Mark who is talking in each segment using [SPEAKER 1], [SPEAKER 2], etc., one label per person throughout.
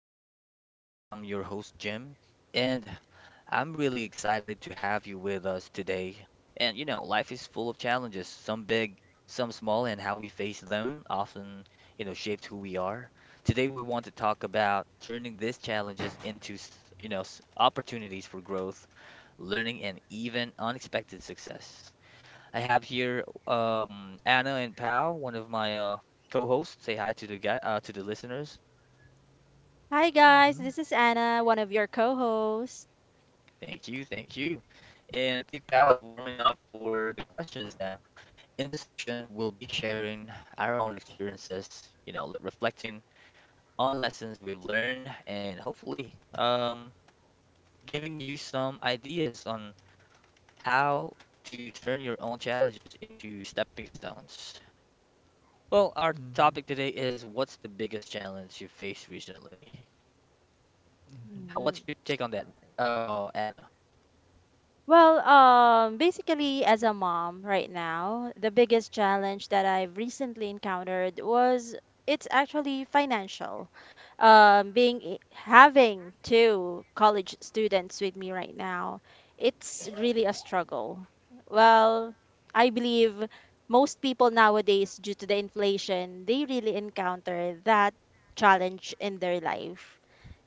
[SPEAKER 1] welcome back. I'm your host, Jim, and I'm really excited to have you with us today. And life is full of challenges, some big, some small, and how we face them often, shapes who we are. Today, we want to talk about turning these challenges into, opportunities for growth, learning, and even unexpected success. I have here Anna and Pal, one of my co-hosts. Say hi to the listeners.
[SPEAKER 2] Hi guys, this is Anna, one of your co-hosts.
[SPEAKER 1] Thank you, thank you. And I think Pal is warming up for the questions now. In this session, we'll be sharing our own experiences, reflecting on lessons we've learned and hopefully giving you some ideas on how to turn your own challenges into stepping stones. Well, our topic today is what's the biggest challenge you faced recently? What's your
[SPEAKER 2] Mhm.
[SPEAKER 1] take on that, Anna?
[SPEAKER 2] Well, basically, as a mom right now, the biggest challenge that I've recently encountered was it's actually financial. Being having two college students with me right now, it's really a struggle. Well, I believe most people nowadays, due to the inflation, they really encounter that challenge in their life.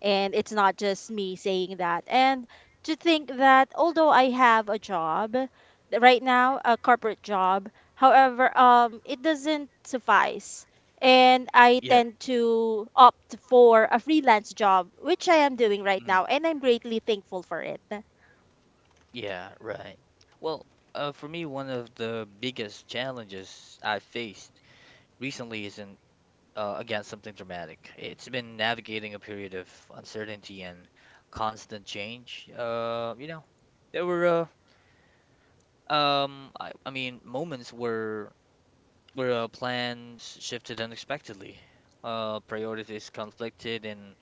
[SPEAKER 2] And it's not just me saying that. And to think that although I have a job right now, a corporate job, however, it doesn't suffice. And I
[SPEAKER 1] Yep.
[SPEAKER 2] tend to opt for a freelance job, which I am doing right now, and I'm greatly thankful for it.
[SPEAKER 1] Yeah, right. Well, for me, one of the biggest challenges I faced recently isn't, again, something dramatic. It's been navigating a period of uncertainty and constant change. There were, I mean, moments where plans shifted unexpectedly, priorities conflicted, and.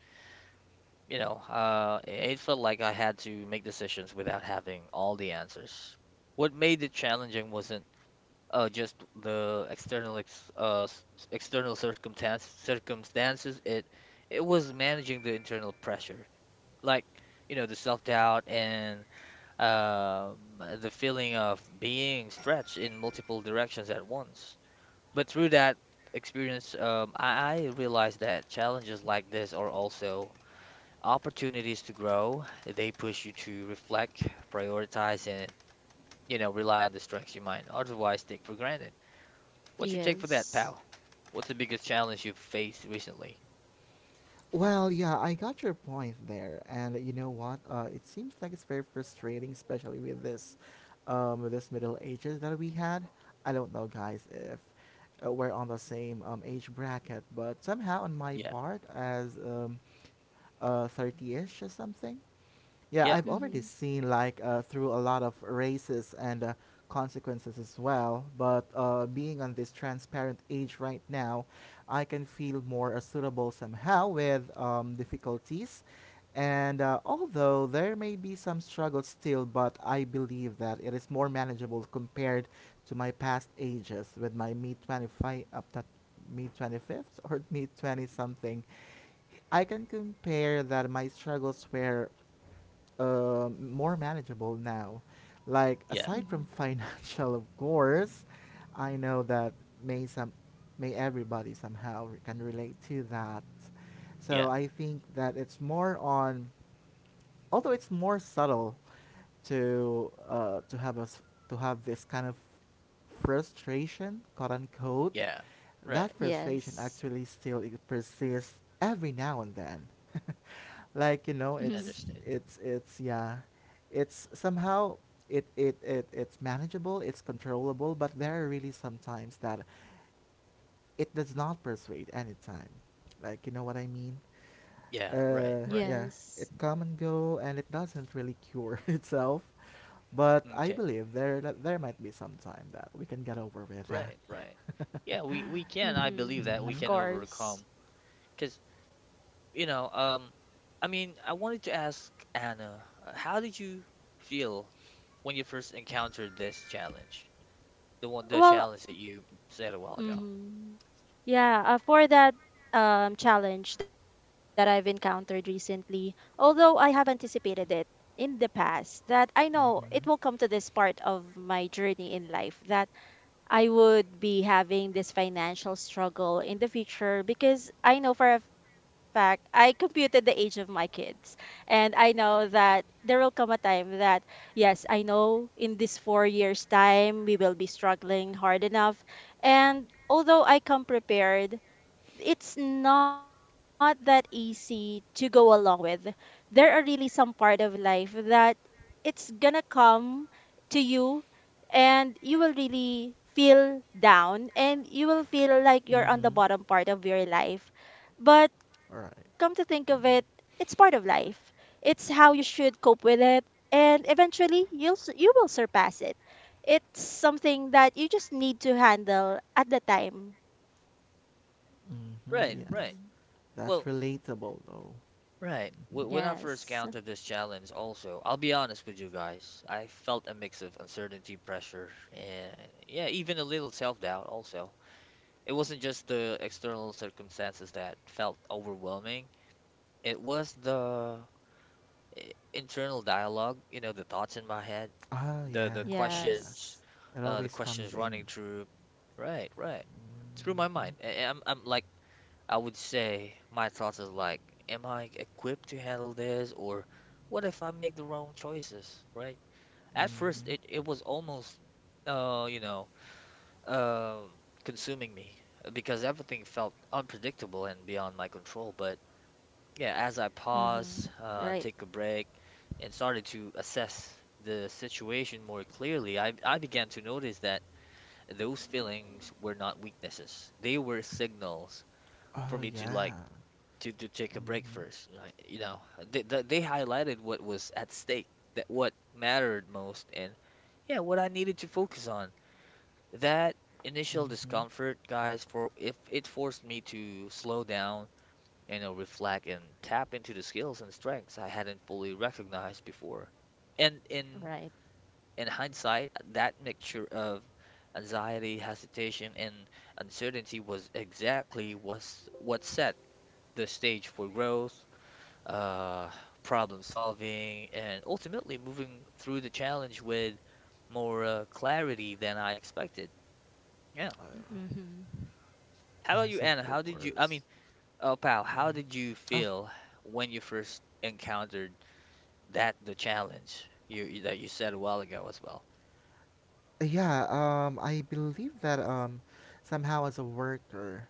[SPEAKER 1] You know, it felt like I had to make decisions without having all the answers. What made it challenging wasn't just the external external circumstances. It was managing the internal pressure, like the self-doubt and um, the feeling of being stretched in multiple directions at once. But through that experience, I realized that challenges like this are also opportunities to grow. They push you to reflect, prioritize, and rely on the strengths you might otherwise take for granted. What's your take for that,
[SPEAKER 2] Yes.
[SPEAKER 1] Pal? What's the biggest challenge you've faced recently?
[SPEAKER 3] We had. I don't know, guys, if we're on the same age bracket, but somehow on my
[SPEAKER 1] Yeah,
[SPEAKER 3] part, as 30-ish or something, yeah,
[SPEAKER 1] yeah,
[SPEAKER 3] I've
[SPEAKER 2] Mm-hmm.
[SPEAKER 3] already seen like through a lot of races and consequences as well. But being on this transparent age right now, I can feel more suitable somehow with difficulties. And although there may be some struggles still, but I believe that it is more manageable compared to my past ages with my mid 25 up to mid 25th or mid 20 something. I can compare that my struggles were more manageable now. Like
[SPEAKER 1] yeah,
[SPEAKER 3] aside from
[SPEAKER 2] Mm-hmm.
[SPEAKER 3] financial, of course, I know that may some may everybody somehow can relate to that.
[SPEAKER 1] yeah,
[SPEAKER 3] So I think that it's more on although it's more subtle to have us to have this kind of frustration, quote unquote,
[SPEAKER 1] yeah.
[SPEAKER 3] that
[SPEAKER 1] Right.
[SPEAKER 3] frustration
[SPEAKER 2] Yes.
[SPEAKER 3] actually still persists every now and then. like you
[SPEAKER 2] Mm-hmm.
[SPEAKER 3] know, it's
[SPEAKER 1] Understood.
[SPEAKER 3] it's yeah, it's somehow it's manageable, it's controllable, but there are really sometimes that it does not persuade anytime. Like you know what I mean?
[SPEAKER 1] Yeah, right,
[SPEAKER 2] Yes.
[SPEAKER 1] right.
[SPEAKER 3] Yeah, it come and go, and it doesn't really cure itself. But I
[SPEAKER 1] Okay.
[SPEAKER 3] believe there that there might be some time that we can get over with that.
[SPEAKER 1] Right, right. Yeah, we can, I believe
[SPEAKER 2] Mm-hmm.
[SPEAKER 1] that we
[SPEAKER 2] Of
[SPEAKER 3] Mhm.
[SPEAKER 1] can overcome,
[SPEAKER 2] course.
[SPEAKER 1] 'cause you know, um I mean, I wanted to ask Anna, how did you feel when you first encountered this challenge? The
[SPEAKER 2] Well,
[SPEAKER 1] challenge that you said a while ago.
[SPEAKER 2] mm-hmm. Yeah, for that challenge that I've encountered recently, although I have anticipated it in the past, that I know it will
[SPEAKER 3] Mhm.
[SPEAKER 2] come to this part of my journey in life that I would be having this financial struggle in the future because I know for a fact I computed the age of my kids. And I know that there will come a time that, yes, I know in this 4 years' time we will be struggling hard enough. And although I come prepared, it's not that easy to go along with. There are really some part of life that it's gonna come to you and you will really feel down and you will feel like you're on the
[SPEAKER 3] Mhm.
[SPEAKER 2] bottom part of your life. But come to
[SPEAKER 3] All
[SPEAKER 2] think of
[SPEAKER 3] right.
[SPEAKER 2] it, it's part of life. It's how you should cope with it and eventually you will surpass it. It's something that you just need to handle at the time.
[SPEAKER 1] Right,
[SPEAKER 3] Mhm.
[SPEAKER 1] right.
[SPEAKER 3] Yes,
[SPEAKER 2] Mm-hmm.
[SPEAKER 3] that's
[SPEAKER 1] Well,
[SPEAKER 3] relatable though.
[SPEAKER 1] right. When I
[SPEAKER 2] Yes.
[SPEAKER 1] first encountered this challenge, also, I'll be honest with you guys, I felt a mix of uncertainty, pressure, and yeah, even a little self-doubt also. It wasn't just the external circumstances that felt overwhelming. It was the internal dialogue, the thoughts in my head,
[SPEAKER 3] Ah,
[SPEAKER 1] the
[SPEAKER 3] yeah.
[SPEAKER 1] the
[SPEAKER 3] Yeah, yeah.
[SPEAKER 2] Yes.
[SPEAKER 1] questions,
[SPEAKER 3] It
[SPEAKER 1] uh, the
[SPEAKER 3] always
[SPEAKER 1] questions
[SPEAKER 3] comes
[SPEAKER 1] running
[SPEAKER 3] in.
[SPEAKER 1] through. Right, right. Through my mind.
[SPEAKER 3] Mhm.
[SPEAKER 1] I'm like I would say my thoughts is like, am I equipped to handle this? Or what if I make the wrong choices, right? At first,
[SPEAKER 3] Mhm.
[SPEAKER 1] it was almost, uh, you know, um, consuming me because everything felt unpredictable and beyond my control. But yeah, as I
[SPEAKER 2] Mm-hmm. Right.
[SPEAKER 1] paused, take a break, and started to assess the situation more clearly, I began to notice that those feelings were not weaknesses. They were signals for
[SPEAKER 3] Oh
[SPEAKER 1] me to like
[SPEAKER 3] yeah.
[SPEAKER 1] to take a break
[SPEAKER 3] Mhm.
[SPEAKER 1] first. They highlighted what was at stake, that what mattered most, and yeah, what I needed to focus on. That initial
[SPEAKER 3] Mhm.
[SPEAKER 1] discomfort, guys, for if it forced me to slow down, reflect and tap into the skills and strengths I hadn't fully recognized before. And in
[SPEAKER 2] Right.
[SPEAKER 1] in hindsight, that mixture of anxiety, hesitation, and uncertainty was exactly was what set the stage for growth, uh, problem solving, and ultimately moving through the challenge with more clarity than I expected. Yeah.
[SPEAKER 2] Mm-hmm.
[SPEAKER 1] How about you,
[SPEAKER 3] Yes, of
[SPEAKER 1] Anna? How did you, I
[SPEAKER 3] course.
[SPEAKER 1] mean, oh, Pal, how did you
[SPEAKER 3] Oh,
[SPEAKER 1] feel when you first encountered that the challenge that you said a while ago as well?
[SPEAKER 3] yeah, I believe that somehow as a worker,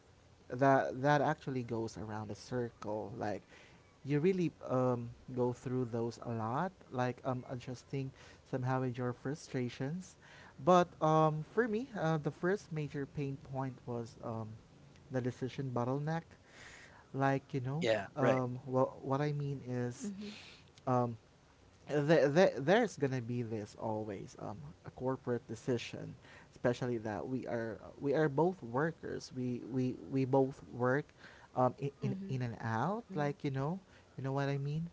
[SPEAKER 3] that that actually goes around a circle. Like, you really go through those a lot, like adjusting somehow with your frustrations. But for me, the first major pain point was the decision bottleneck. Like, you know,
[SPEAKER 1] Yeah, right.
[SPEAKER 3] what I
[SPEAKER 2] Mm-hmm.
[SPEAKER 3] mean is um, there's gonna be this always a corporate decision, especially that we are both workers. We both work in
[SPEAKER 2] Mm-hmm.
[SPEAKER 3] and out. Like you know what I mean.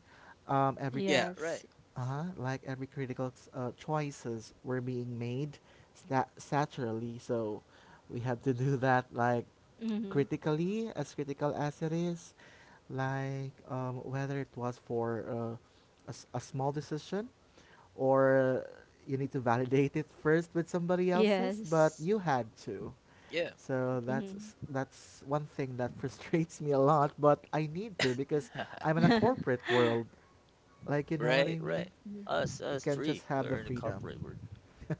[SPEAKER 3] Um, every cri-
[SPEAKER 1] Yeah,
[SPEAKER 2] Yes.
[SPEAKER 1] right.
[SPEAKER 3] uh-huh, like every choices were being made saturally. So we had to do that like
[SPEAKER 2] Mm-hmm.
[SPEAKER 3] critically, as critical as it is like whether it was for a small decision or you need to validate it first with somebody else's, but
[SPEAKER 2] Yes.
[SPEAKER 3] you had to.
[SPEAKER 1] Yeah.
[SPEAKER 3] So
[SPEAKER 2] Mm-hmm.
[SPEAKER 3] that's that's one thing that frustrates me a lot, but I need to because I'm in a corporate world. Like you know what
[SPEAKER 1] Right,
[SPEAKER 3] I mean?
[SPEAKER 1] right. Us,
[SPEAKER 3] You
[SPEAKER 1] us
[SPEAKER 3] can not just
[SPEAKER 1] three.
[SPEAKER 3] have the
[SPEAKER 1] We're in the
[SPEAKER 3] freedom.
[SPEAKER 1] corporate world.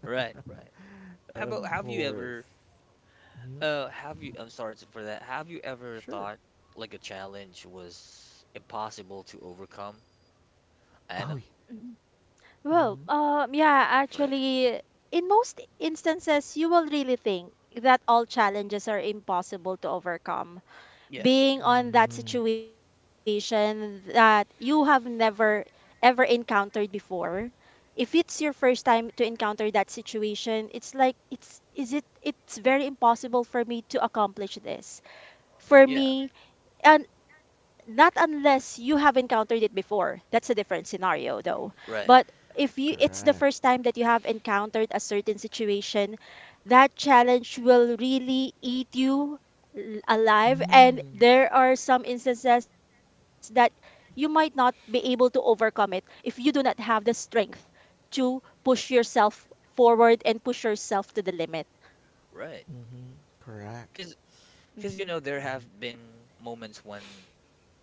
[SPEAKER 1] Right, right. How
[SPEAKER 3] Of
[SPEAKER 1] about have you
[SPEAKER 3] course.
[SPEAKER 1] ever
[SPEAKER 3] Hmm.
[SPEAKER 1] Have you, I'm sorry for that. Have you ever
[SPEAKER 3] Sure.
[SPEAKER 1] thought like a challenge was impossible to overcome,
[SPEAKER 3] Oh.
[SPEAKER 1] Anna?
[SPEAKER 2] Well,
[SPEAKER 3] Mm-hmm.
[SPEAKER 2] yeah,
[SPEAKER 1] Right.
[SPEAKER 2] actually, in most instances, you will really think that all challenges are impossible to overcome.
[SPEAKER 1] Yeah.
[SPEAKER 2] Being on that
[SPEAKER 3] Mm,
[SPEAKER 2] situation that you have never ever encountered before, if it's your first time to encounter that situation, it's like it's is it it's very impossible for me to accomplish this, for
[SPEAKER 1] Yeah.
[SPEAKER 2] me, and not unless you have encountered it before, that's a different scenario though. But
[SPEAKER 1] Right.
[SPEAKER 2] if you it's the first
[SPEAKER 3] correct.
[SPEAKER 2] time that you have encountered a certain situation, that challenge will really eat you alive, and
[SPEAKER 3] Mm.
[SPEAKER 2] there are some instances that you might not be able to overcome it if you do not have the strength to push yourself forward and push yourself to the limit.
[SPEAKER 1] Right.
[SPEAKER 3] Mm-hmm. Correct.
[SPEAKER 1] Because, because,
[SPEAKER 2] Mhm.
[SPEAKER 1] there have been moments when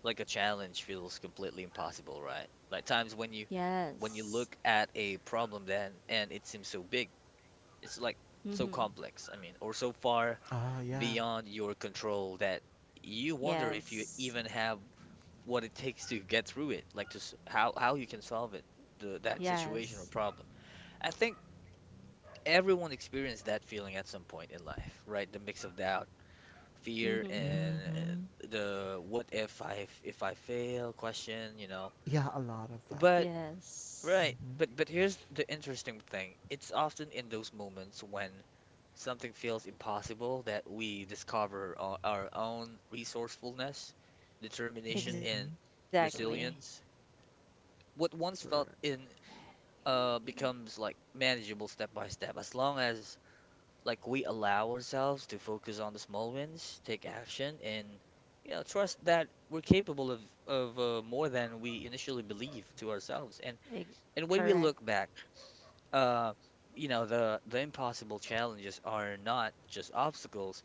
[SPEAKER 1] like a challenge feels completely impossible, right? Like times when when you
[SPEAKER 2] Yes.
[SPEAKER 1] look at a problem then and it seems so big, it's like so
[SPEAKER 2] Hmm.
[SPEAKER 1] complex, I mean, or so far
[SPEAKER 3] Oh, yeah.
[SPEAKER 1] beyond your control that you wonder if you
[SPEAKER 2] Yes.
[SPEAKER 1] even have what it takes to get through it, like to s- how you can solve it, the that
[SPEAKER 2] Yes.
[SPEAKER 1] situation or problem. I think everyone experienced that feeling at some point in life, right? The mix of doubt, fear,
[SPEAKER 2] Mm-hmm.
[SPEAKER 1] and
[SPEAKER 3] Mm-hmm.
[SPEAKER 1] the what if I if I fail question.
[SPEAKER 3] Yeah, a lot of that.
[SPEAKER 1] But
[SPEAKER 2] Yes,
[SPEAKER 1] right, but here's the interesting thing. It's often in those moments when something feels impossible that we discover our own resourcefulness, determination,
[SPEAKER 3] Mm-hmm.
[SPEAKER 1] and
[SPEAKER 2] exactly.
[SPEAKER 1] resilience, what once felt
[SPEAKER 3] Correct.
[SPEAKER 1] in becomes like manageable step by step as long as like we allow ourselves to focus on the small wins, take action, and trust that we're capable of more than we initially believe to ourselves. And
[SPEAKER 2] Eg-
[SPEAKER 1] and when
[SPEAKER 2] correct.
[SPEAKER 1] we look back, uh, the impossible challenges are not just obstacles.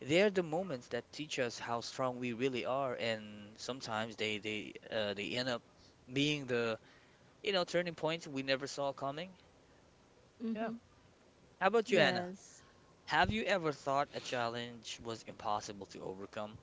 [SPEAKER 1] They're the moments that teach us how strong we really are, and sometimes they end up being the turning points we never saw coming.
[SPEAKER 2] Mm-hmm.
[SPEAKER 1] How about you,
[SPEAKER 3] Yeah.
[SPEAKER 1] Anna?
[SPEAKER 2] Yes.
[SPEAKER 1] Have you ever thought a challenge was impossible to overcome?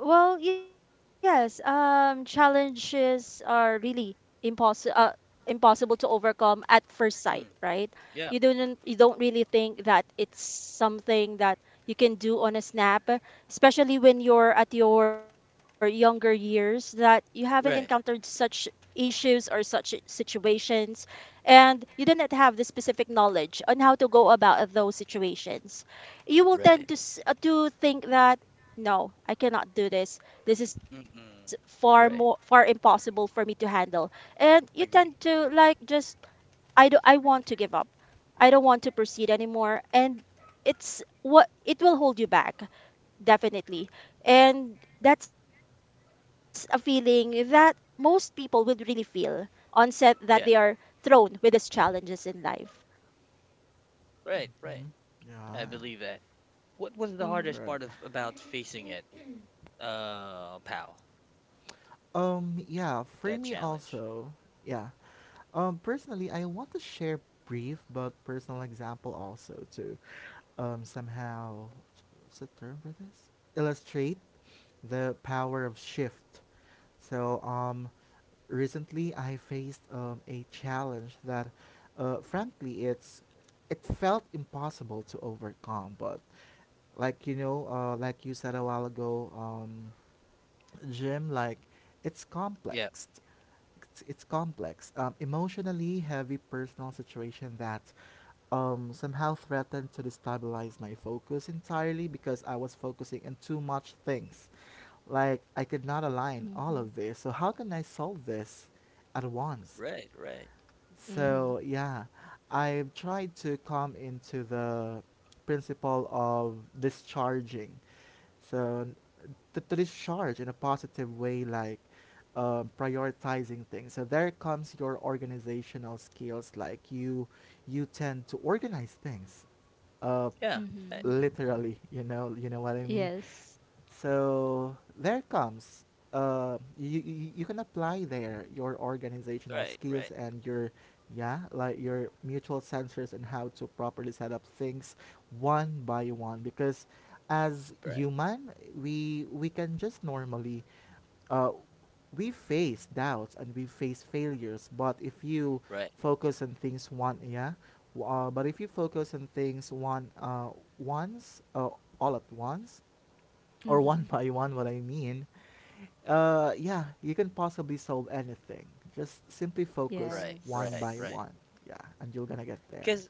[SPEAKER 2] Well, yes, challenges are really impossible to overcome at first sight,
[SPEAKER 1] Mm,
[SPEAKER 2] right?
[SPEAKER 1] yeah,
[SPEAKER 2] You don't really think that it's something that you can do on a snap, especially when you're at your younger years, that you haven't encountered
[SPEAKER 1] right,
[SPEAKER 2] such issues or such situations, and you do not have the specific knowledge on how to go about those situations. You will tend
[SPEAKER 1] right.
[SPEAKER 2] to s- uh, to think that no, I cannot do this. This is
[SPEAKER 1] Mm-mm,
[SPEAKER 2] far
[SPEAKER 1] right.
[SPEAKER 2] more far impossible for me to handle. And you
[SPEAKER 1] Agree.
[SPEAKER 2] tend to like just I want to give up. I don't want to proceed anymore, and it's what it will hold you back, definitely. And that's a feeling that most people would really feel on set that they are
[SPEAKER 1] Yeah,
[SPEAKER 2] thrown with these challenges in life.
[SPEAKER 1] right, right. I
[SPEAKER 3] Yeah.
[SPEAKER 1] believe that. What was the
[SPEAKER 2] Mhm.
[SPEAKER 1] hardest
[SPEAKER 3] Correct.
[SPEAKER 1] part of about facing it, Pal?
[SPEAKER 3] Yeah, for
[SPEAKER 1] That
[SPEAKER 3] me
[SPEAKER 1] challenge.
[SPEAKER 3] also, yeah, personally, I want to share brief but personal example also to um, somehow, what's the term for this? Illustrate the power of shift. So, recently I faced a challenge that, frankly, it felt impossible to overcome. But like you know, like you said a while ago, Jim, like it's
[SPEAKER 1] Yeah,
[SPEAKER 3] complex. It's complex. Emotionally heavy personal situation that somehow threatened to destabilize my focus entirely because I was focusing on too much things. Like I could not
[SPEAKER 2] Mm-hmm.
[SPEAKER 3] align all of this. So how can I solve this at once?
[SPEAKER 1] right, right.
[SPEAKER 2] Mm-hmm.
[SPEAKER 3] So yeah, I've tried to come into the principle of discharging. So to discharge in a positive way, like prioritizing things. So there comes your organizational skills. Like you tend to organize things, uh,
[SPEAKER 1] Yeah, right,
[SPEAKER 2] Mm-hmm.
[SPEAKER 3] literally. You know what I mean.
[SPEAKER 2] Yes.
[SPEAKER 3] So there it comes. You you can apply there your organizational
[SPEAKER 1] right,
[SPEAKER 3] skills
[SPEAKER 1] right,
[SPEAKER 3] and your yeah like your mutual sensors and how to properly set up things one by one because as
[SPEAKER 1] right,
[SPEAKER 3] human we can just normally uh, we face doubts and we face failures but if you
[SPEAKER 1] right,
[SPEAKER 3] focus on things one yeah w- but if you focus on things one once all at once or one
[SPEAKER 2] Mm-hmm.
[SPEAKER 3] by one what I mean, yeah, you can possibly solve anything. Just simply focus
[SPEAKER 1] right,
[SPEAKER 3] one
[SPEAKER 1] right,
[SPEAKER 3] by
[SPEAKER 2] Yes.
[SPEAKER 1] right.
[SPEAKER 3] one. Yeah, and you're gonna get there.
[SPEAKER 1] Because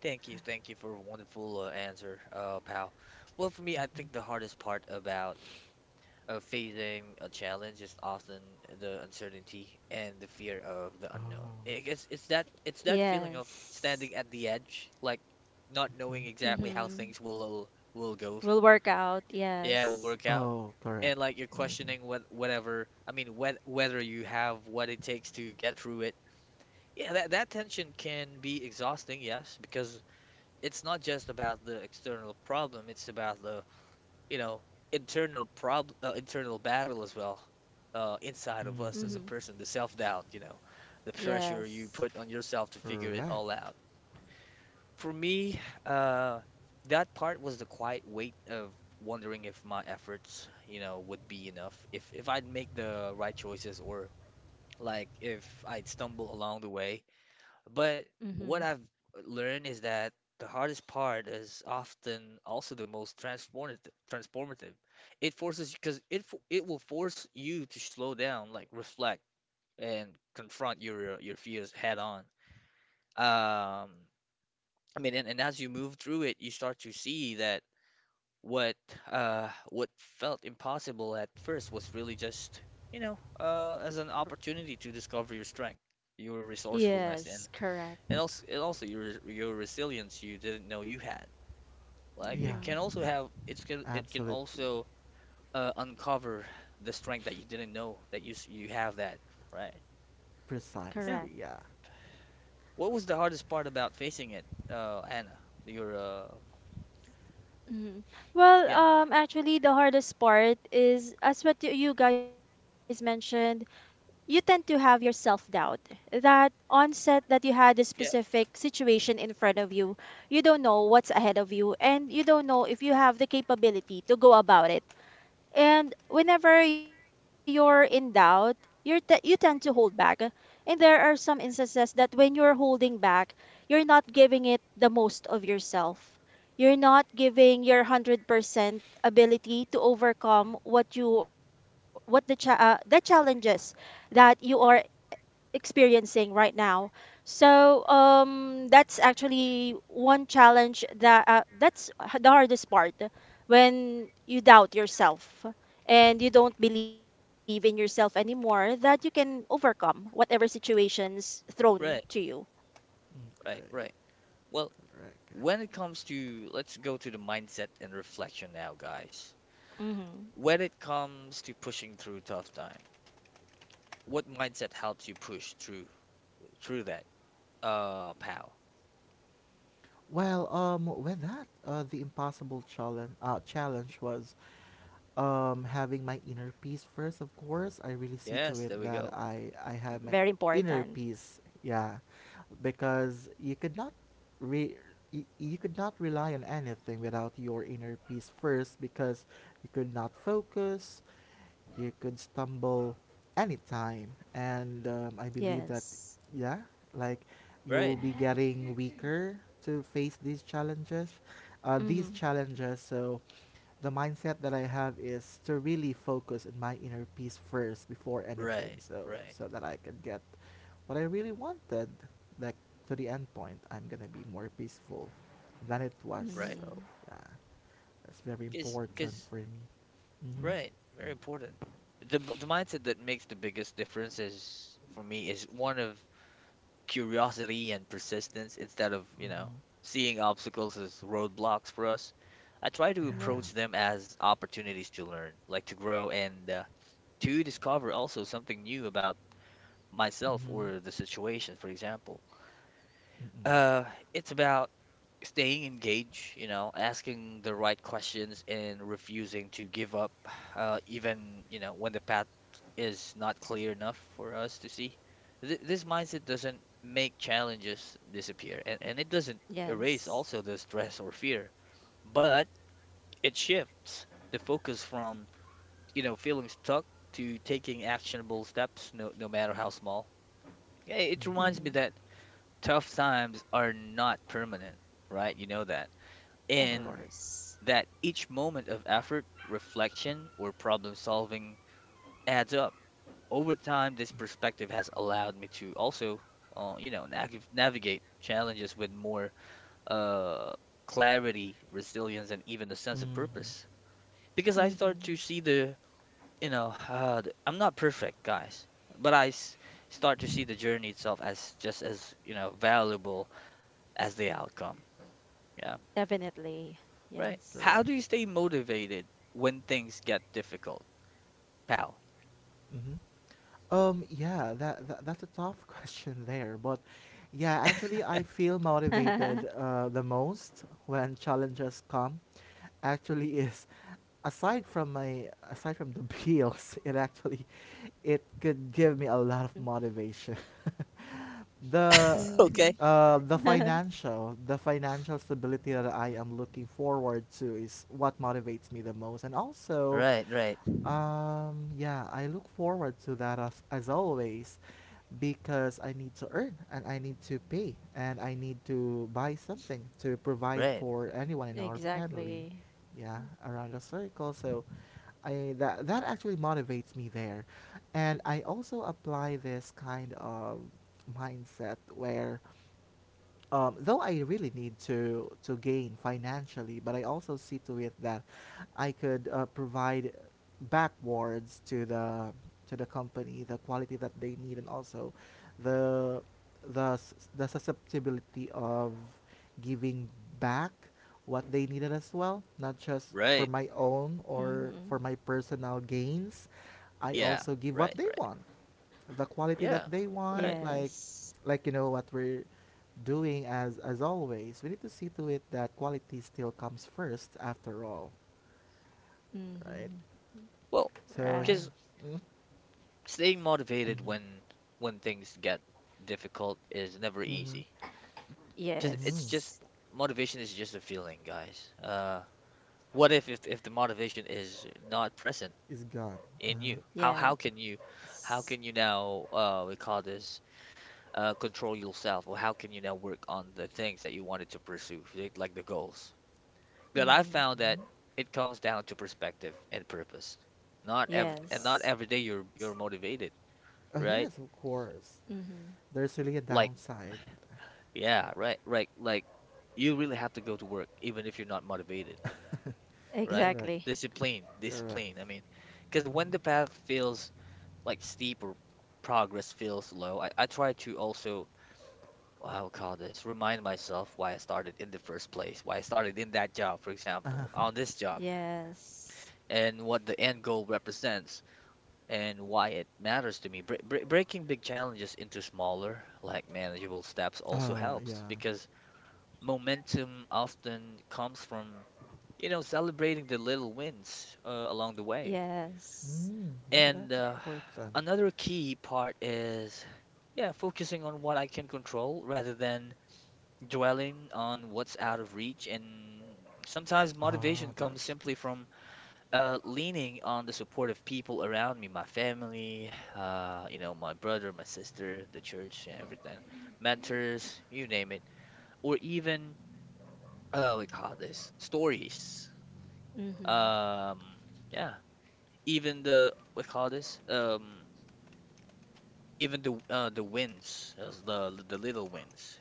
[SPEAKER 1] Thank you for a wonderful answer, Pal. Well, for me, I think the hardest part about facing a challenge is often the uncertainty and the fear of the unknown.
[SPEAKER 3] Oh.
[SPEAKER 1] I guess it's that feeling of
[SPEAKER 2] Yes.
[SPEAKER 1] standing at the edge, like not knowing exactly how
[SPEAKER 2] Mm-hmm.
[SPEAKER 1] things will go.
[SPEAKER 2] Will work out.
[SPEAKER 1] Yeah, will
[SPEAKER 2] Yes.
[SPEAKER 1] work out,
[SPEAKER 3] Oh, correct.
[SPEAKER 1] and like you're
[SPEAKER 3] Mm-hmm.
[SPEAKER 1] questioning whatever. I mean, whether you have what it takes to get through it. Yeah, that tension can be exhausting, yes, because it's not just about the external problem, it's about the, you know, internal prob internal battle as well,
[SPEAKER 2] Mm-hmm.
[SPEAKER 1] inside of us as a
[SPEAKER 3] Mm-hmm.
[SPEAKER 1] person, the self-doubt, the pressure
[SPEAKER 2] Yes.
[SPEAKER 1] you put on yourself to figure it
[SPEAKER 3] Correct.
[SPEAKER 1] all out. For me, uh, that part was the quiet weight of wondering if my efforts, would be enough, if I'd make the right choices or like if I'd stumble along the way but
[SPEAKER 2] Mm-hmm.
[SPEAKER 1] what I've learned is that the hardest part is often also the most transformative. Transformative. It forces because it fo- it will force you to slow down, like reflect and confront your fears head on. Um, I mean, and as you move through it, you start to see that what what felt impossible at first was really just, as an opportunity to discover your strength, your
[SPEAKER 2] Yes.
[SPEAKER 1] resourcefulness, and
[SPEAKER 2] Correct.
[SPEAKER 1] it also your resilience you didn't know you had. Like
[SPEAKER 3] Yeah,
[SPEAKER 1] it can also
[SPEAKER 2] Mm-hmm.
[SPEAKER 1] have it's can it can
[SPEAKER 3] absolutely.
[SPEAKER 1] also uncover the strength that you didn't know that you have that, right?
[SPEAKER 2] Correct.
[SPEAKER 1] Yeah.
[SPEAKER 3] Precisely, yeah.
[SPEAKER 1] What was the hardest part about facing it, Anna? Your uh,
[SPEAKER 2] Mm-hmm. Well,
[SPEAKER 1] yeah,
[SPEAKER 2] actually, the hardest part is, as what you guys mentioned, you tend to have your self-doubt. That onset that you had this
[SPEAKER 1] yeah,
[SPEAKER 2] specific situation in front of you, you don't know what's ahead of you, and you don't know if you have the capability to go about it. And whenever you're in doubt, you tend to hold back. And there are some instances that when you're holding back, you're not giving it the most of yourself. You're not giving your 100% ability to overcome what you what the cha- the challenges that you are experiencing right now. So that's actually one challenge that the hardest part, when you doubt yourself and you don't believe in yourself anymore, that you can overcome whatever situations thrown to
[SPEAKER 1] right,
[SPEAKER 2] you.
[SPEAKER 1] right,
[SPEAKER 3] Okay,
[SPEAKER 1] right. Well,
[SPEAKER 3] correct.
[SPEAKER 1] when it comes to let's go to the mindset and reflection now, guys.
[SPEAKER 2] Hmm.
[SPEAKER 1] When it comes to pushing through tough time, what mindset helps you push through that? Pal.
[SPEAKER 3] Well, with that, challenge was having my inner peace first. Of course I really see to
[SPEAKER 1] Yes,
[SPEAKER 3] it
[SPEAKER 1] there we
[SPEAKER 3] that
[SPEAKER 1] go.
[SPEAKER 3] I
[SPEAKER 2] Very
[SPEAKER 3] have my
[SPEAKER 2] important.
[SPEAKER 3] inner peace. Yeah, because you could not re you, you could not rely on anything without your inner peace first because you could not focus. You could stumble anytime and I believe that
[SPEAKER 2] Yes.
[SPEAKER 3] yeah like you'll
[SPEAKER 1] Right,
[SPEAKER 3] be getting weaker to face these challenges
[SPEAKER 2] Hmm.
[SPEAKER 3] so the mindset that I have is to really focus on my inner peace first before anything,
[SPEAKER 1] right,
[SPEAKER 3] so
[SPEAKER 1] right,
[SPEAKER 3] so that I can get what I really wanted, like to the end point. I'm gonna be more peaceful than it
[SPEAKER 1] right.
[SPEAKER 3] was. So
[SPEAKER 2] Mm-hmm.
[SPEAKER 3] yeah, that's very
[SPEAKER 1] Because,
[SPEAKER 3] important
[SPEAKER 1] because,
[SPEAKER 3] for me. Mhm.
[SPEAKER 1] right, very important. The mindset that makes the biggest difference is for me is one of curiosity and persistence instead of, seeing obstacles as roadblocks for us. I try to approach
[SPEAKER 2] Yes.
[SPEAKER 1] them as opportunities to learn, like to grow and to discover also something new about myself or the situation, for example. Uh, it's about staying engaged, asking the right questions and refusing to give up, even, when the path is not clear enough for us to see. Th this mindset doesn't make challenges disappear, and it doesn't erase
[SPEAKER 2] Yes.
[SPEAKER 1] also the stress or fear, but it shifts the focus from, feeling stuck to taking actionable steps, no, no matter how small. Yeah, it
[SPEAKER 3] Mhm.
[SPEAKER 2] Hmm.
[SPEAKER 1] reminds me that tough times are not permanent, right? You know that.
[SPEAKER 2] Of
[SPEAKER 1] And
[SPEAKER 3] Correct.
[SPEAKER 2] course.
[SPEAKER 1] that each moment of effort, reflection, or problem solving adds up. Over time, this perspective has allowed me to also, navigate challenges with more uh, clarity, resilience, and even a sense of purpose. Because I start to
[SPEAKER 2] Mm-hmm.
[SPEAKER 1] see the, you know, the- I'm not perfect, guys, but I start to see the journey itself as just as, valuable as the outcome. Yeah,
[SPEAKER 2] Definitely.
[SPEAKER 1] right.
[SPEAKER 2] Yes.
[SPEAKER 1] How
[SPEAKER 3] Correct.
[SPEAKER 1] do you stay motivated when things get difficult? Pow.
[SPEAKER 3] Mhm. Yeah, that's a tough question there, but yeah,
[SPEAKER 2] Mm-hmm.
[SPEAKER 3] actually, I feel motivated the most when challenges come. Actually, is aside from the bills, it actually it could give me a lot of motivation. the
[SPEAKER 2] Mm-hmm.
[SPEAKER 1] Okay.
[SPEAKER 3] the financial stability that I am looking forward to is what motivates me the most, and also
[SPEAKER 1] Right, right,
[SPEAKER 3] yeah, I look forward to that as always because I need to earn and I need to pay and I need to buy something to provide
[SPEAKER 1] right.
[SPEAKER 3] for anyone in our family.
[SPEAKER 2] Exactly.
[SPEAKER 3] Yeah, around the circle. So I that that actually motivates me there. And I also apply this kind of mindset where though I really need to gain financially, but I also see to it that I could provide backwards to the company the quality that they need and also the the susceptibility of giving back what they needed as well, not just for
[SPEAKER 1] Right.
[SPEAKER 3] my own or
[SPEAKER 2] Mm-hmm.
[SPEAKER 3] for my personal gains. I
[SPEAKER 1] Yeah.
[SPEAKER 3] also give what
[SPEAKER 1] Right.
[SPEAKER 3] they
[SPEAKER 1] Right.
[SPEAKER 3] want, the quality that
[SPEAKER 1] Yeah.
[SPEAKER 3] they
[SPEAKER 1] Right.
[SPEAKER 3] want
[SPEAKER 2] Yes.
[SPEAKER 3] like you know what we're doing. As always we need to see to it that quality still comes first after all, right?
[SPEAKER 2] Mm-hmm.
[SPEAKER 1] Well,
[SPEAKER 3] So
[SPEAKER 2] Right.
[SPEAKER 1] because
[SPEAKER 3] yeah.
[SPEAKER 1] staying motivated when things get difficult is never easy.
[SPEAKER 3] Mm-hmm.
[SPEAKER 1] Because it's just
[SPEAKER 2] Yes.
[SPEAKER 1] motivation is just a feeling, guys. What if, If the motivation is not present
[SPEAKER 3] Is gone.
[SPEAKER 1] in
[SPEAKER 3] Uh-huh.
[SPEAKER 1] you? How can you
[SPEAKER 2] Yes.
[SPEAKER 1] now, we call this, control yourself, or how can you now work on the things that you wanted to pursue, like the goals? But I
[SPEAKER 2] Mm-hmm.
[SPEAKER 1] found that it comes down to perspective and purpose. Not ev and Not
[SPEAKER 2] Yes.
[SPEAKER 1] every day you're motivated,
[SPEAKER 3] Oh
[SPEAKER 1] right?
[SPEAKER 3] yes, of course.
[SPEAKER 2] Mm-hmm.
[SPEAKER 3] There's really a
[SPEAKER 1] Like,
[SPEAKER 3] downside.
[SPEAKER 1] yeah, right, right. Like you really have to go to work even if you're not motivated, right?
[SPEAKER 3] Correct.
[SPEAKER 2] Exactly.
[SPEAKER 1] Discipline,
[SPEAKER 3] Correct.
[SPEAKER 1] discipline. I mean, because when the path feels like steep or progress feels low, I try to also, I'll call this, remind myself why I started in the first place, why I started in that job, for example, on this job,
[SPEAKER 2] Yes.
[SPEAKER 1] and what the end goal represents and why it matters to me. Breaking big challenges into smaller, like manageable steps also
[SPEAKER 3] Oh
[SPEAKER 1] helps
[SPEAKER 3] yeah.
[SPEAKER 1] because momentum often comes from, celebrating the little wins, along the way.
[SPEAKER 2] Yes.
[SPEAKER 3] Mm, yeah,
[SPEAKER 1] And
[SPEAKER 3] that's important.
[SPEAKER 1] another key part is, yeah, focusing on what I can control rather than dwelling on what's out of reach. And sometimes
[SPEAKER 3] Ah,
[SPEAKER 1] motivation comes
[SPEAKER 3] that's
[SPEAKER 1] simply
[SPEAKER 3] gross.
[SPEAKER 1] from leaning on the support of people around me: my family, my brother, my sister, the church, and everything, mentors, you name it, or even, we call this, stories.
[SPEAKER 2] Mm-hmm.
[SPEAKER 1] Um, yeah, even the, we call this, even the, the wins, those, the little wins,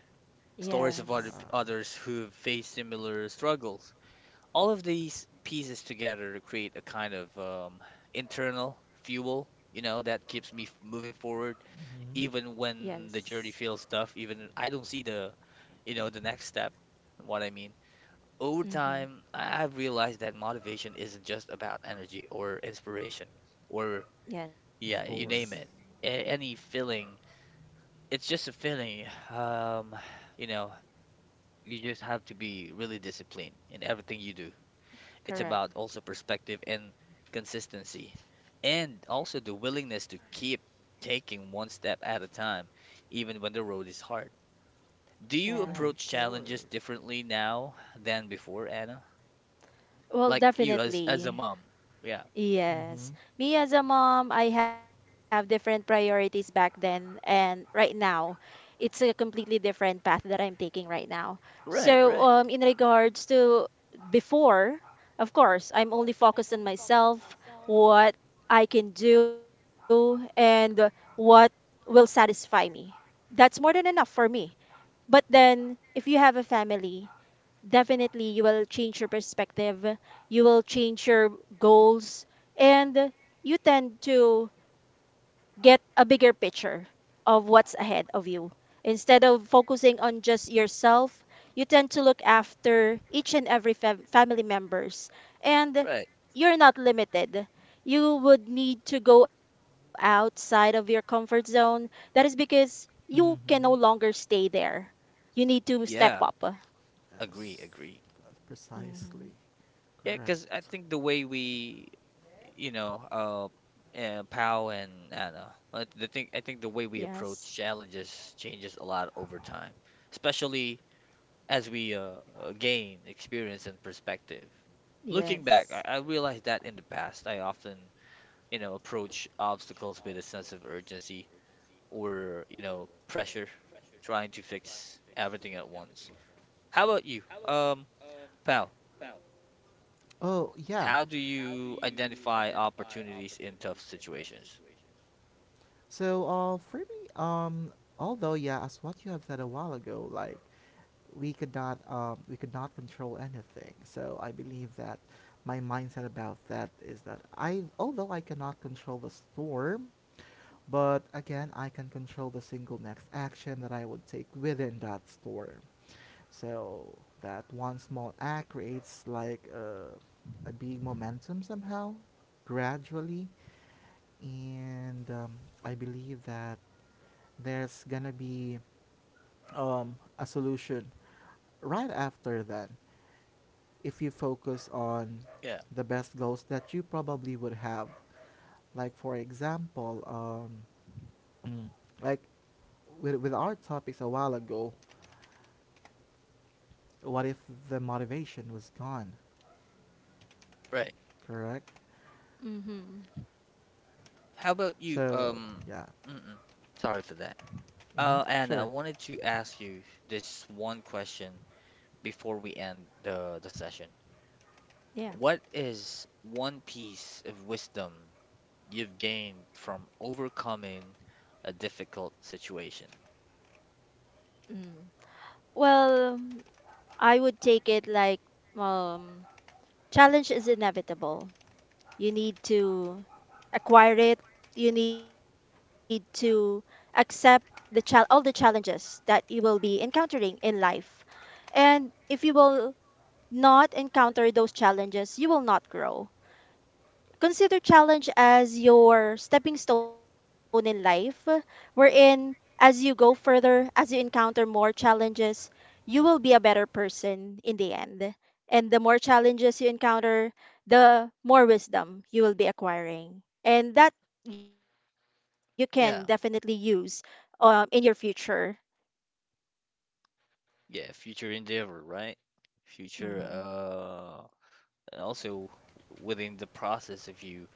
[SPEAKER 1] stories of other
[SPEAKER 2] Yes.
[SPEAKER 3] Yeah,
[SPEAKER 1] others who've faced similar struggles, all of these pieces together to create a kind of, internal fuel, that keeps me moving forward even when
[SPEAKER 2] Yes.
[SPEAKER 1] the journey feels tough, even if I don't see the, the next step, what I mean. Over
[SPEAKER 2] Mm-hmm.
[SPEAKER 1] time I've realized that motivation isn't just about energy or inspiration, or,
[SPEAKER 2] Yes.
[SPEAKER 3] of
[SPEAKER 1] yeah, you name
[SPEAKER 3] course.
[SPEAKER 1] it, any feeling. It's just a feeling. um you know, you just have to be really disciplined in everything you do. It's
[SPEAKER 2] Correct.
[SPEAKER 1] about also perspective and consistency, and also the willingness to keep taking one step at a time, even when the road is hard. Do you
[SPEAKER 3] Oh,
[SPEAKER 1] approach
[SPEAKER 3] of
[SPEAKER 2] Yes.
[SPEAKER 1] challenges
[SPEAKER 3] course.
[SPEAKER 1] differently now than before, Anna?
[SPEAKER 2] Well,
[SPEAKER 1] Like you as a
[SPEAKER 2] definitely.
[SPEAKER 1] mom. Yeah.
[SPEAKER 3] Mm-hmm.
[SPEAKER 2] Yes. Me as a mom, I have different priorities back then and right now. It's a completely different path that I'm taking right now. So,
[SPEAKER 1] Right, right,
[SPEAKER 2] in regards to before, of course, I'm only focused on myself, what I can do, and what will satisfy me. That's more than enough for me. But then, if you have a family, definitely you will change your perspective, you will change your goals, and you tend to get a bigger picture of what's ahead of you. Instead of focusing on just yourself, you tend to look after each and every family members, and
[SPEAKER 1] right.
[SPEAKER 2] you're not limited. You would need to go outside of your comfort zone. That is because you can no
[SPEAKER 3] Mm-hmm.
[SPEAKER 2] longer stay there. You need to step
[SPEAKER 1] Yeah,
[SPEAKER 2] up.
[SPEAKER 1] agree,
[SPEAKER 3] Yes,
[SPEAKER 1] agree.
[SPEAKER 3] that's precisely
[SPEAKER 2] Mhm.
[SPEAKER 1] Yeah,
[SPEAKER 3] correct.
[SPEAKER 1] because I think the way we, you know, uh, Pal and Anna, the thing, I think the
[SPEAKER 2] Yes.
[SPEAKER 1] way we approach challenges changes a lot over time, especially as we, gain experience and perspective. Looking back, I,
[SPEAKER 2] Yes.
[SPEAKER 1] I realized that in the past, I often, approach obstacles with a sense of urgency or, pressure, trying to fix everything at once. How about you? Pal,
[SPEAKER 3] Oh yeah.
[SPEAKER 1] how do you identify opportunities in tough situations?
[SPEAKER 3] So for me, although yeah, as what you have said a while ago, like we could not control anything. So I believe that my mindset about that is that I although I cannot control the storm, but again I can control the single next action that I would take within that storm. So that one small act creates like a big momentum somehow, gradually. And I believe that there's gonna be a solution right after that if you focus on
[SPEAKER 1] Yeah,
[SPEAKER 3] the best goals that you probably would have. Like, for example, mm, like with our topics a while ago, what if the motivation was gone?
[SPEAKER 1] right.
[SPEAKER 3] Correct?
[SPEAKER 2] Mm-hmm.
[SPEAKER 1] How about you?
[SPEAKER 3] So yeah.
[SPEAKER 1] Mm-mm, Sorry for that.
[SPEAKER 3] Mm-hmm.
[SPEAKER 1] Anna, I
[SPEAKER 3] Sure.
[SPEAKER 1] wanted to ask you this one question before we end the session.
[SPEAKER 2] Yeah.
[SPEAKER 1] What is one piece of wisdom you've gained from overcoming a difficult situation?
[SPEAKER 2] Mm. Well, I would take it like um challenge is inevitable. You need to acquire it. You need to accept the chal all the challenges that you will be encountering in life. And if you will not encounter those challenges, you will not grow. Consider challenge as your stepping stone in life, wherein as you go further, as you encounter more challenges, you will be a better person in the end. And the more challenges you encounter, the more wisdom you will be acquiring. And that you can definitely use
[SPEAKER 1] Yeah,
[SPEAKER 2] in your future.
[SPEAKER 1] yeah, future endeavor, right? Future,
[SPEAKER 2] Hmm.
[SPEAKER 1] and also within the process of you,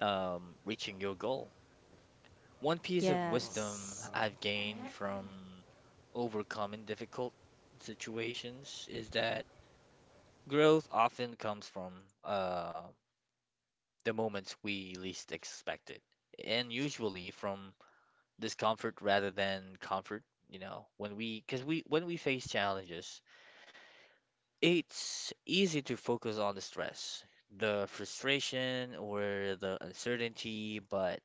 [SPEAKER 1] reaching your goal. One piece of
[SPEAKER 2] Yes.
[SPEAKER 1] wisdom I've gained from overcoming difficult situations is that growth often comes from, uh the moments we least expect it. And usually from discomfort rather than comfort. You know, when we, because we, when we face challenges, it's easy to focus on the stress, the frustration, or the uncertainty. But,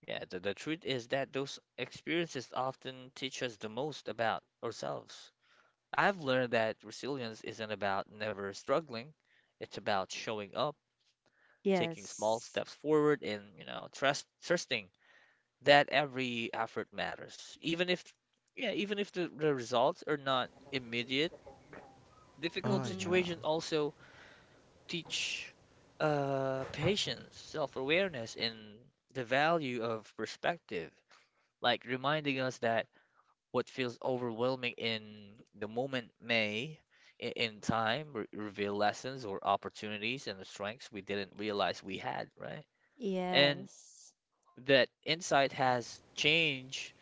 [SPEAKER 1] yeah, the truth is that those experiences often teach us the most about ourselves. I've learned that resilience isn't about never struggling, it's about showing up, taking small
[SPEAKER 2] Yes.
[SPEAKER 1] steps forward, and, trusting that every effort matters. Even if, yeah, even if the, the results are not immediate, difficult
[SPEAKER 2] Hmm.
[SPEAKER 1] situations also teach, patience, self-awareness, and the value of perspective, like reminding us that what feels overwhelming in the moment may, in time, re reveal lessons or opportunities and the strengths we didn't realize we had, right? And
[SPEAKER 2] Yes.
[SPEAKER 1] that insight has changed,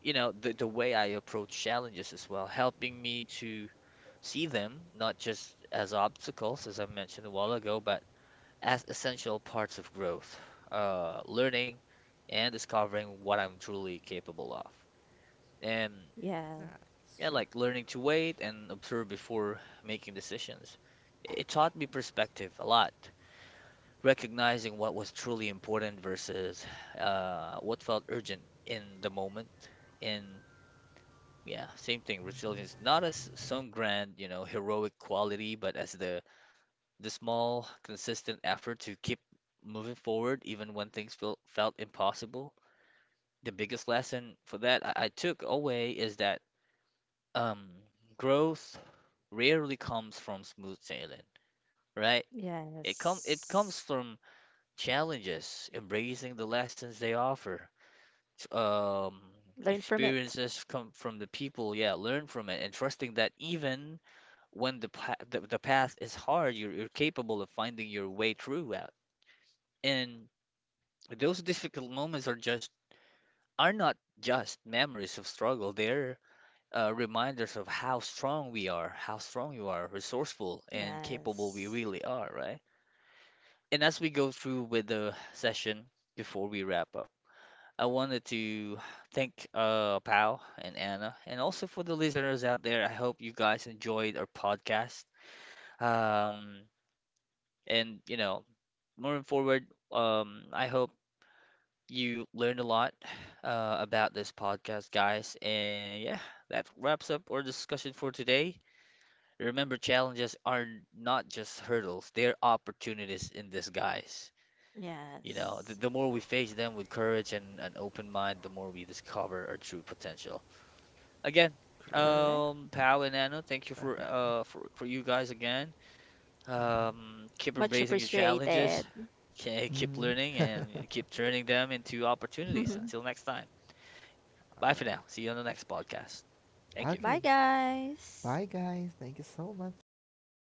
[SPEAKER 1] the way I approach challenges as well, helping me to see them not just as obstacles, as I mentioned a while ago, but as essential parts of growth, learning, and discovering what I'm truly capable of. And,
[SPEAKER 2] Yes.
[SPEAKER 3] That's
[SPEAKER 1] yeah,
[SPEAKER 3] true.
[SPEAKER 1] like learning to wait and observe before making decisions, it taught me perspective a lot, recognizing what was truly important versus, what felt urgent in the moment. And yeah, same thing. Resilience, not as some grand, heroic quality, but as the small, consistent effort to keep moving forward even when things felt impossible. The biggest lesson for that I took away is that, um growth rarely comes from smooth sailing, right? It comes
[SPEAKER 2] Yes.
[SPEAKER 1] from challenges, embracing the lessons they offer. s-
[SPEAKER 2] Learn
[SPEAKER 1] Um,
[SPEAKER 2] from it.
[SPEAKER 1] Experiences come from the people, yeah, learn from it, and trusting that even when the, the path is hard, you're capable of finding your way through it. And those difficult moments are just are not just memories of struggle. They're, reminders of how strong we are, how strong you are, resourceful and capable
[SPEAKER 2] Yes.
[SPEAKER 1] we really are, right? And as we go through with the session, before we wrap up, I wanted to thank, Pal and Anna, and also for the listeners out there. I hope you guys enjoyed our podcast. Um, and, moving forward, I hope you learned a lot, about this podcast, guys. And yeah, that wraps up our discussion for today. Remember, challenges are not just hurdles, they're opportunities in disguise. You know,
[SPEAKER 2] Yes.
[SPEAKER 1] the more we face them with courage and an open mind, the more we discover our true potential. Again,
[SPEAKER 3] Correct.
[SPEAKER 2] Correct.
[SPEAKER 1] Pal and Anna, thank you for,
[SPEAKER 3] Definitely.
[SPEAKER 1] for you guys again. Keep
[SPEAKER 2] Much
[SPEAKER 1] embracing your
[SPEAKER 2] appreciated.
[SPEAKER 1] challenges, okay,
[SPEAKER 3] Mm-hmm.
[SPEAKER 1] keep
[SPEAKER 3] Mm-hmm.
[SPEAKER 1] learning, and keep turning them into opportunities. Until next time, bye
[SPEAKER 3] All
[SPEAKER 1] for now. See you on the next podcast.
[SPEAKER 3] right.
[SPEAKER 1] Thank
[SPEAKER 2] Bye,
[SPEAKER 1] you.
[SPEAKER 3] Okay. Bye,
[SPEAKER 2] guys.
[SPEAKER 3] guys. Thank you so much.